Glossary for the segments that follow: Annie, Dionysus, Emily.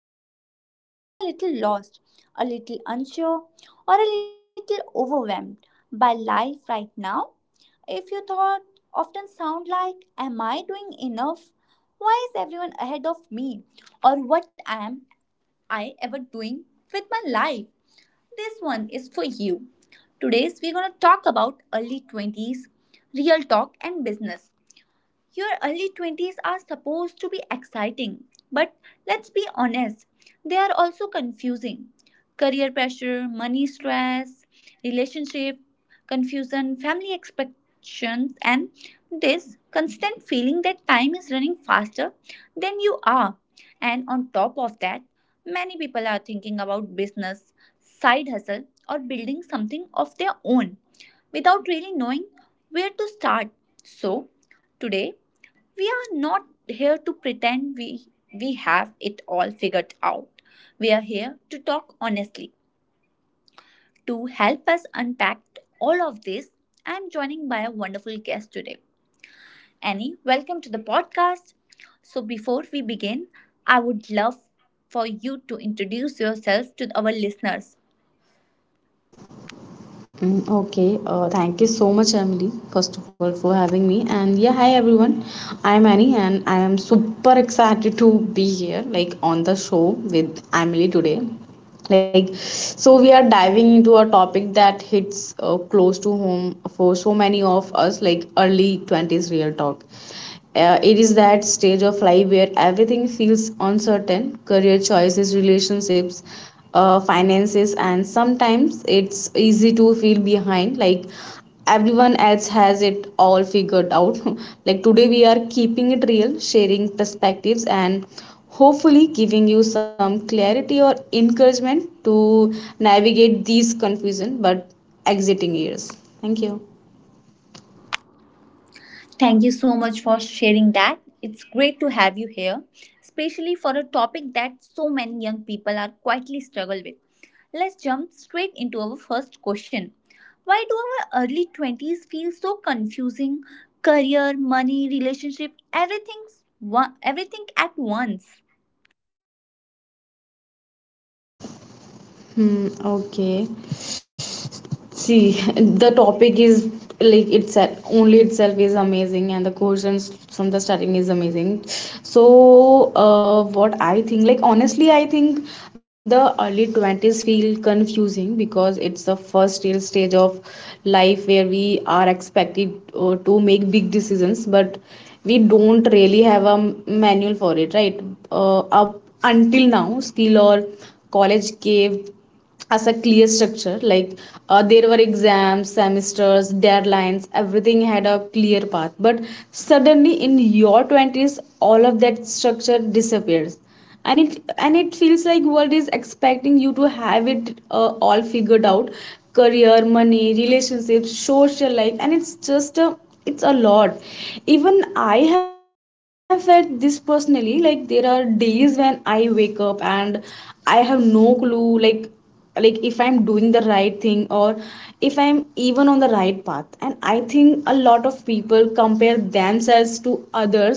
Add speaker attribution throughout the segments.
Speaker 1: For anyone who felt a little lost, a little unsure, or a little overwhelmed by life right now. If you thought often sound like, am I doing enough? Why is everyone ahead of me? Or what am I ever doing with my life? This one is for you. Today's we're going to talk about early 20s, real talk and business. Your early 20s are supposed to be exciting, but let's be honest, they are also confusing. Career pressure, money stress, relationship confusion, family expectations, and this constant feeling that time is running faster than you are. And on top of that, many people are thinking about business, side hustle, or building something of their own without really knowing where to start. So, Today we are not here to pretend we have it all figured out. We are here to talk honestly. To help us unpack all of this, I'm joining by a wonderful guest today. Annie, welcome to the podcast. So before we begin, I would love for you to introduce yourself to our listeners.
Speaker 2: Mm, Okay, thank you so much, Emily, first of all, for having me. And yeah, hi everyone. I'm Annie, and I am super excited to be here, like on the show with Emily today. Like, so we are diving into a topic that hits close to home for so many of us, like early 20s real talk. It is that stage of life where everything feels uncertain career choices, relationships, finances, and sometimes it's easy to feel behind like everyone else has it all figured out. Like today, we are keeping it real, sharing perspectives, and hopefully giving you some clarity or encouragement to navigate these confusion but exiting years. Thank you.
Speaker 1: Thank you so much for sharing that. It's great to have you here, especially for a topic that so many young people are quietly struggle with. Let's jump straight into our first question. Why do our early 20s feel so confusing? Career, money, relationship, everything's one, everything at once.
Speaker 2: Hmm, okay. See, the topic is like it's only itself is amazing, and the questions from the starting is amazing. So, what I think, like honestly, I think the early 20s feel confusing because it's the first real stage of life where we are expected to make big decisions, but we don't really have a manual for it, right? Up until now, skill or college gave as a clear structure like there were exams semesters deadlines everything had a clear path but suddenly in your 20s all of that structure disappears and it feels like world is expecting you to have it all figured out career money relationships social life and it's a lot even I have felt this personally like there are days when I wake up and I have no clue like if I'm doing the right thing or if I'm even on the right path and I think a lot of people compare themselves to others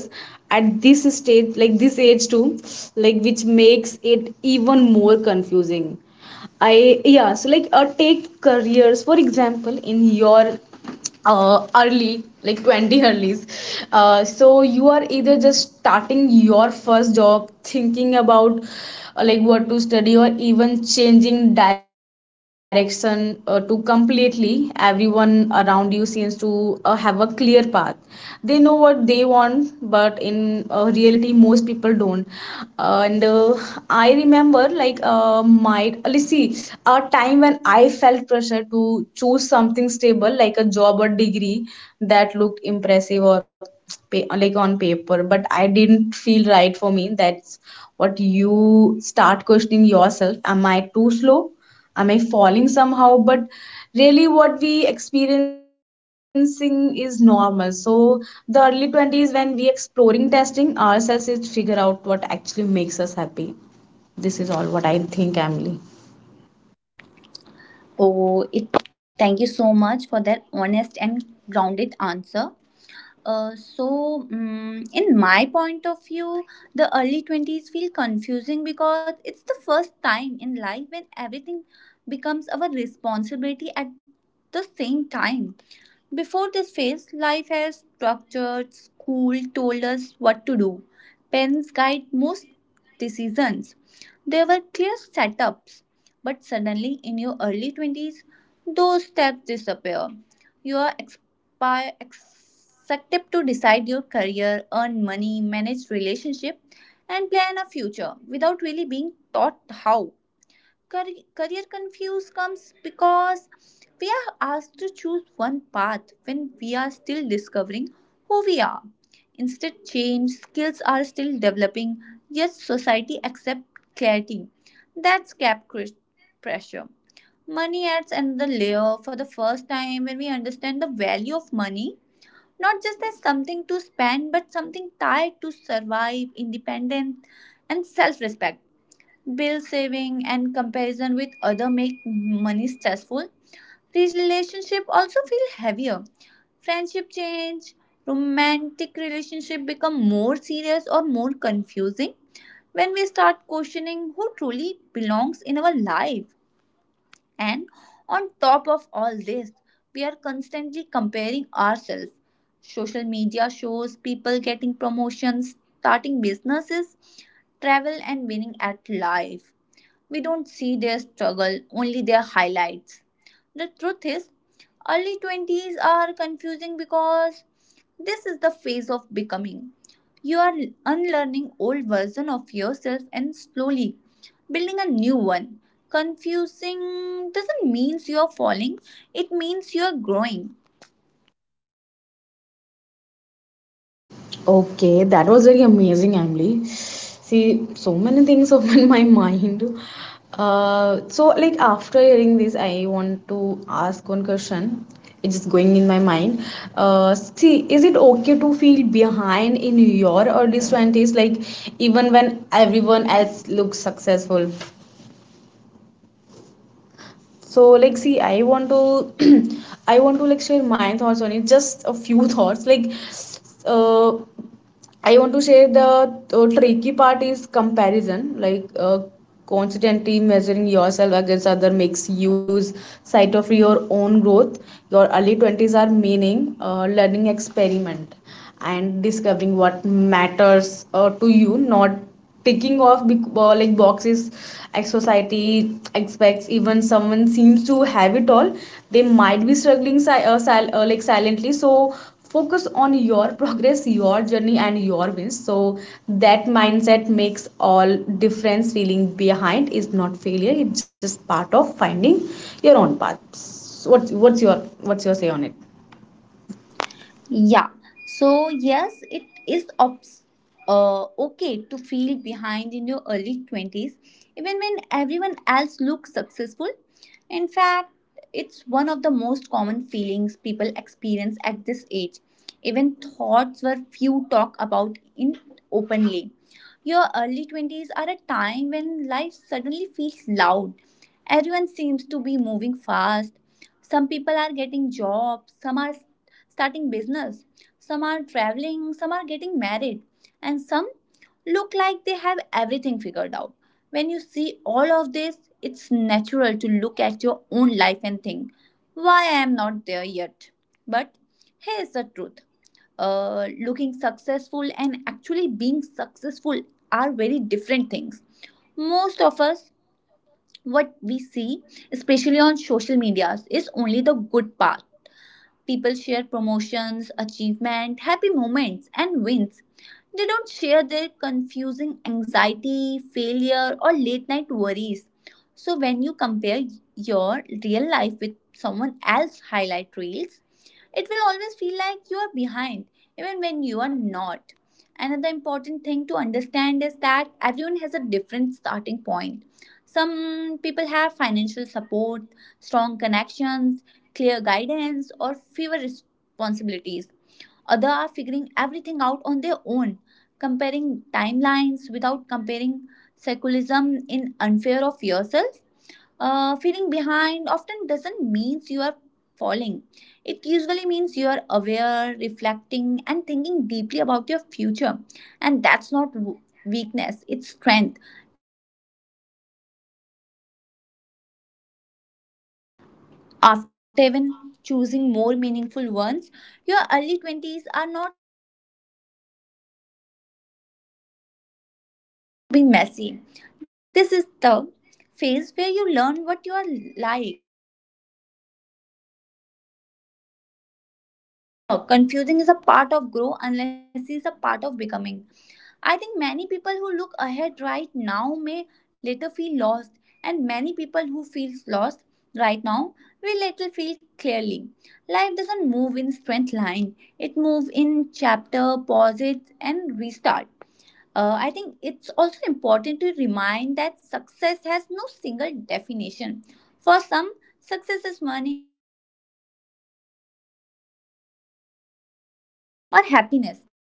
Speaker 2: at this stage like this age too like which makes it even more confusing I yeah so like take careers for example in your early like 20 earlys so you are either just starting your first job thinking about like what to study or even changing direction to completely everyone around you seems to have a clear path they know what they want but in reality most people don't. And I remember like my let's see a time when I felt pressure to choose something stable like a job or degree that looked impressive or pay, like on paper but I didn't feel right for me that's what you start questioning yourself am I too slow am I falling somehow but really what we experiencing is normal so the early 20s when we exploring testing ourselves is figure out what actually makes us happy this is all what I think Emily.
Speaker 1: Oh, it thank you so much for that honest and grounded answer. So, in my point of view, the early 20s feel confusing because it's the first time in life when everything becomes our responsibility at the same time. Before this phase, life has structured, school told us what to do, parents guide most decisions. There were clear setups, but suddenly in your early 20s, those steps disappear. You are by acceptive to decide your career, earn money, manage relationship, and plan a future without really being taught how. Career confuse comes because we are asked to choose one path when we are still discovering who we are. Instead, change skills are still developing, yet society accepts clarity. That's pressure. Money adds another layer for the first time when we understand the value of money not just as something to spend, but something tied to survive, independence, and self respect. Bill saving and comparison with other make money stressful. Relationship also feel heavier. Friendship change, romantic relationship become more serious or more confusing when we start questioning who truly belongs in our life. And on top of all this, we are constantly comparing ourselves. Social media shows people getting promotions, starting businesses, travel, and winning at life. We don't see their struggle, only their highlights. The truth is, early 20s are confusing because this is the phase of becoming. You are unlearning old version of yourself and slowly building a new one. Confusing doesn't mean you are falling, it means you are growing.
Speaker 2: Okay, that was very amazing, Emily. See, so many things open my mind. So like after hearing this, I want to ask one question. It's just going in my mind. See, is it okay to feel behind in your early 20s, like even when everyone else looks successful? So like, see, I want to, I want to like share my thoughts on it. Just a few thoughts, like uh, I want to say the tricky part is comparison. Like constantly measuring yourself against other makes you lose sight of your own growth. Your early 20s are meaning, learning, experiment and discovering what matters to you, not ticking off big, like boxes as society expects. Even someone seems to have it all, they might be struggling like silently. So focus on your progress, your journey, and your wins. So that mindset makes all difference. Feeling behind is not failure; it's just part of finding your own path. So what's your say on it?
Speaker 1: Yeah. So, yes, it is okay to feel behind in your early 20s, even when everyone else looks successful. In fact, it's one of the most common feelings people experience at this age. Even thoughts were few talk about in openly. Your early 20s are a time when life suddenly feels loud. Everyone seems to be moving fast. Some people are getting jobs, are starting business, some are traveling, some are getting married, and some look like they have everything figured out. When you see all of this, it's natural to look at your own life and think, why I am not there yet. But here's the truth. Looking successful and actually being successful are very different things. Most of us, what we see, especially on social medias, is only the good part. People share promotions, achievement, happy moments, and wins. They don't share their confusing anxiety, failure, or late night worries. So when you compare your real life with someone else's highlight reels, it will always feel like you are behind, even when you are not. Another important thing to understand is that everyone has a different starting point. Some people have financial support, strong connections, clear guidance, or fewer responsibilities. Others are figuring everything out on their own, comparing timelines without comparing secularism in unfair of yourself. Feeling behind often doesn't mean you are falling. It usually means you are aware, reflecting, and thinking deeply about your future. And that's not weakness, it's strength. After even choosing more meaningful ones, your early 20s are not.
Speaker 3: Messy. This is the phase where you learn what you are like.
Speaker 1: Confusing is a part of grow unless it's a part of becoming. I think many people who look ahead right now may later feel lost, and many people who feels lost right now will later feel clearly. Life doesn't move in strength line. It moves in chapter, pauses, and restart. I think it's also important to remind that success has no single definition. For some, success is money happiness.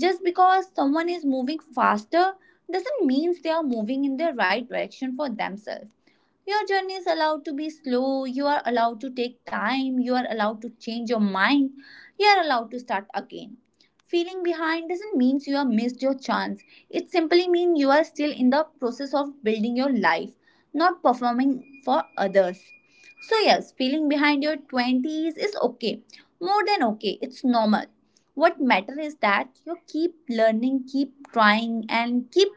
Speaker 1: Just because someone is moving faster doesn't mean they are moving in the right direction for themselves. Your journey is allowed to be slow, you are allowed to take time, you are allowed to change your mind, you are allowed to start again. Feeling behind doesn't mean you have missed your chance. It simply means you are still in the process of building your life, not performing for others. So, yes, feeling behind your 20s is okay. More than okay, it's normal. What matters is that you keep learning, keep trying, and keep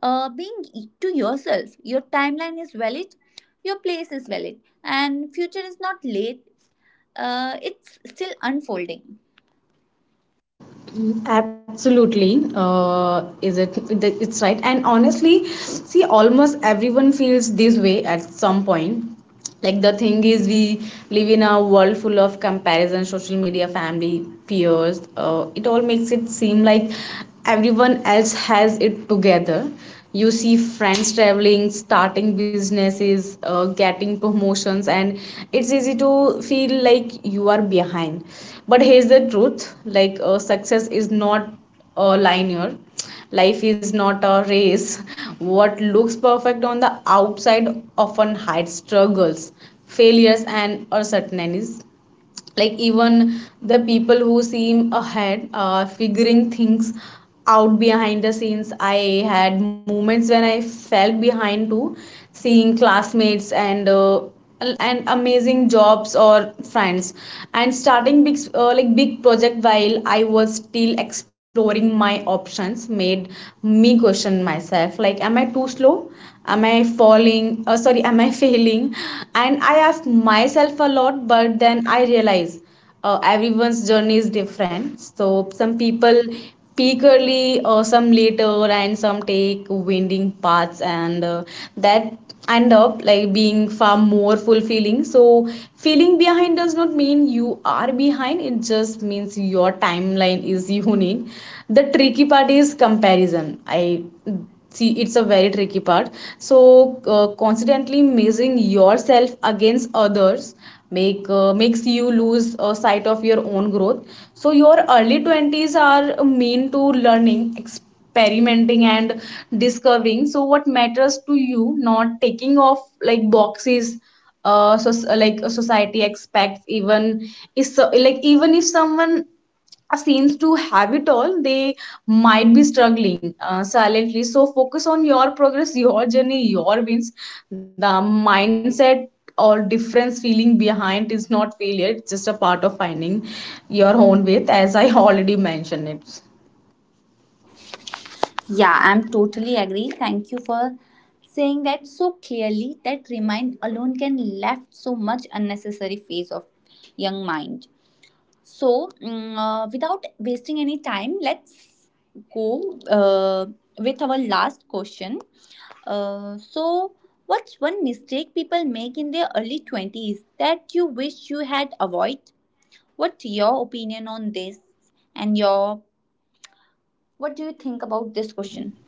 Speaker 1: being to yourself. Your timeline is valid, your place is valid, and future is not late. It's still unfolding.
Speaker 2: Absolutely, is it? It's right. And honestly, see, almost everyone feels this way at some point like the thing is we live in a world full of comparison social media family peers it all makes it seem like everyone else has it together you see friends traveling starting businesses getting promotions and it's easy to feel like you are behind but here's the truth like success is not linear. Life is not a race. What looks perfect on the outside often hides struggles, failures, and uncertainties like even the people who seem ahead are figuring things out behind the scenes. I had moments when I felt behind too seeing classmates and amazing jobs or friends and starting big project while I was still exploring my options made me question myself like am I too slow am I falling sorry am I failing? And I ask myself a lot, but then I realize everyone's journey is different. So some people peak early, or some later, and some take winding paths, and that end up like being far more fulfilling. So feeling behind does not mean you are behind. It just means your timeline is unique. The tricky part is comparison. I see it's a very tricky part so constantly measuring yourself against others makes you lose sight of your own growth so your early 20s are mean to learning experimenting and discovering so what matters to you not taking off like boxes so like society expects even is so, like even if someone seems to have it all, they might be struggling silently. So focus on your progress, your journey, your wins. The mindset or difference feeling behind is not failure, it's just a part of finding your own way, as I already mentioned it.
Speaker 1: Yeah, I'm totally agree. Thank you for saying that so clearly. That remind alone can left so much unnecessary phase of young mind. So, without wasting any time, let's go with our last question. Uh, so, what's one mistake people make in their early 20s that you wish you had avoid? What's your opinion on this? And your what do you think about this question?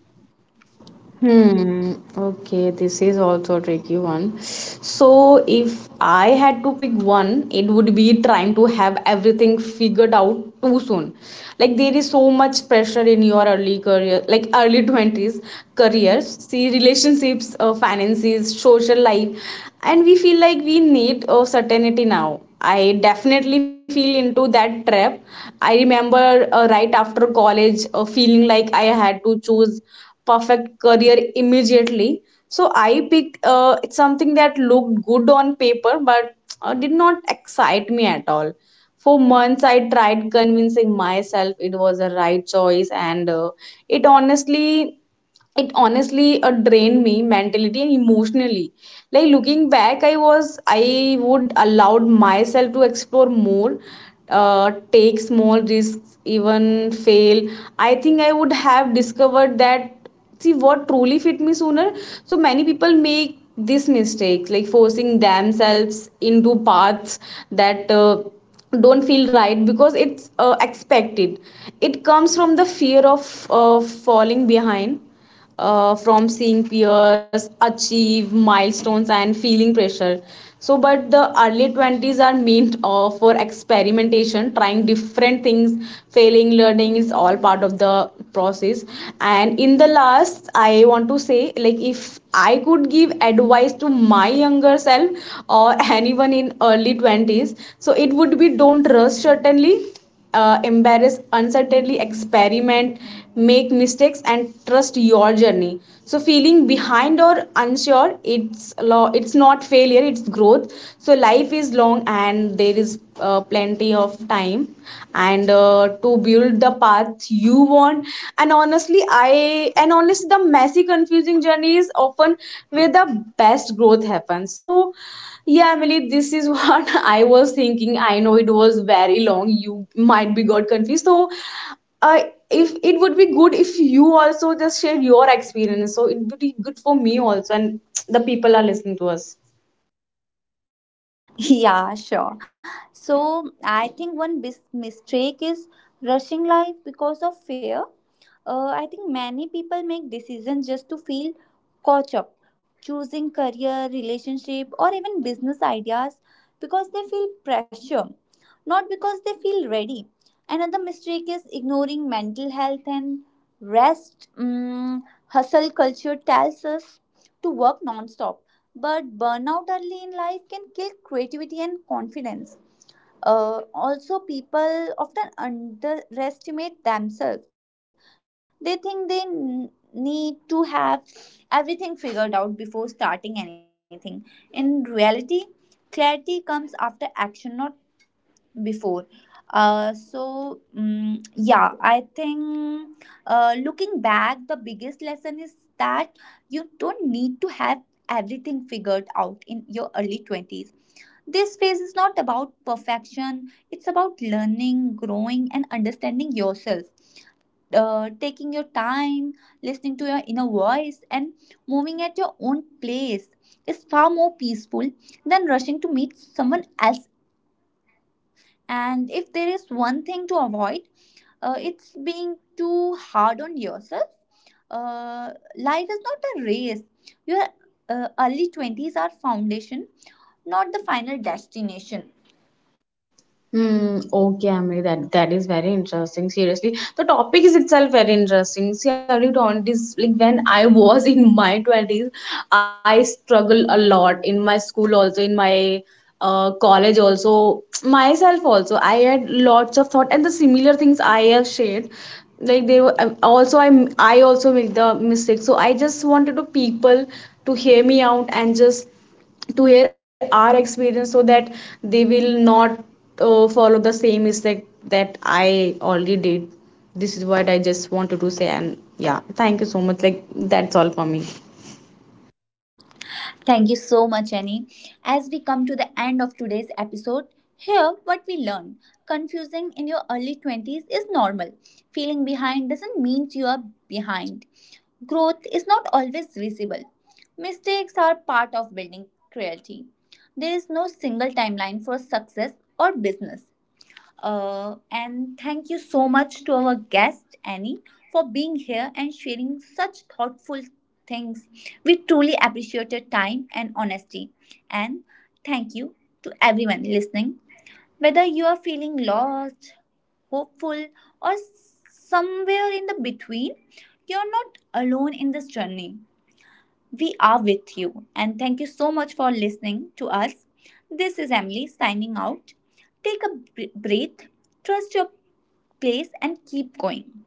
Speaker 2: Hmm. Okay, this is also a tricky one. So, if I had to pick one, it would be trying to have everything figured out too soon. Like there is so much pressure in your early career, like early 20s careers, see relationships, finances, social life, and we feel like we need a certainty now. I definitely feel into that trap. I remember right after college, feeling like I had to choose perfect career immediately. So I picked it's something that looked good on paper but did not excite me at all. For months, I tried convincing myself it was the right choice, and it honestly it honestly drained me mentally and emotionally like looking back I would allowed myself to explore more take small risks even fail I think I would have discovered that see what truly fit me sooner so many people make these mistakes like forcing themselves into paths that don't feel right because it's expected it comes from the fear of falling behind from seeing peers achieve milestones and feeling pressure. So, but the early 20s are meant for experimentation, trying different things, failing, learning is all part of the process. And in the last, I want to say, like, if I could give advice to my younger self or anyone in early 20s, so it would be don't rush certainly embarrass, uncertainly experiment, make mistakes, and trust your journey. So, feeling behind or unsure, it's not failure, it's growth. So, life is long, and there is plenty of time, and to build the path you want. And honestly, the messy, confusing journey is often where the best growth happens. So yeah, Emily, this is what I was thinking. I know it was very long. You might be got confused. So, uh, if it would be good if you also just share your experience. So it would be good for me also, and the people are listening to us.
Speaker 1: Yeah, sure. So I think one mistake is rushing life because of fear. I think many people make decisions just to feel caught up, choosing career, relationship, or even business ideas because they feel pressure, not because they feel ready. Another mistake is ignoring mental health and rest. Hustle culture tells us to work nonstop but burnout early in life can kill creativity and confidence. Also, people often underestimate themselves. They think they need to have everything figured out before starting anything. In reality, clarity comes after action, not before. Yeah, I think looking back, the biggest lesson is that you don't need to have everything figured out in your early 20s. This phase is not about perfection, it's about learning, growing, and understanding yourself. Time, listening to your inner voice, and moving at your own pace is far more peaceful than rushing to meet someone else's, and if there is one thing to avoid, it's being too hard on yourself. Uh, Life is not a race. Your early 20s are foundation, not the final destination.
Speaker 2: Hmm, okay, Amri, that is very interesting. Seriously, the topic is itself very interesting. See, early 20s, like when I was in my twenties, I struggled a lot in my school, also in my college, also myself, also. I had lots of thought, and the similar things I have shared. Like also, I also make the mistake. So I just wanted to people to hear me out and just to hear our experience so that they will not follow the same mistake that I already did. This is what I just wanted to say, and yeah, thank you so much. Like, that's all for me.
Speaker 1: Thank you so much, Annie. As we come to the end of today's episode, here what we learn. Confusing in your early 20s is normal. Feeling behind doesn't mean you are behind. Growth is not always visible. Mistakes are part of building creativity. There is no single timeline for success or business. And thank you so much to our guest, Annie, for being here and sharing such thoughtful things. We truly appreciate your time and honesty. And thank you to everyone listening. Whether you are feeling lost, hopeful, or somewhere in the between, you're not alone in this journey. We are with you, and thank you so much for listening to us. This is Emily signing out. Take a breath, trust your place, and keep going.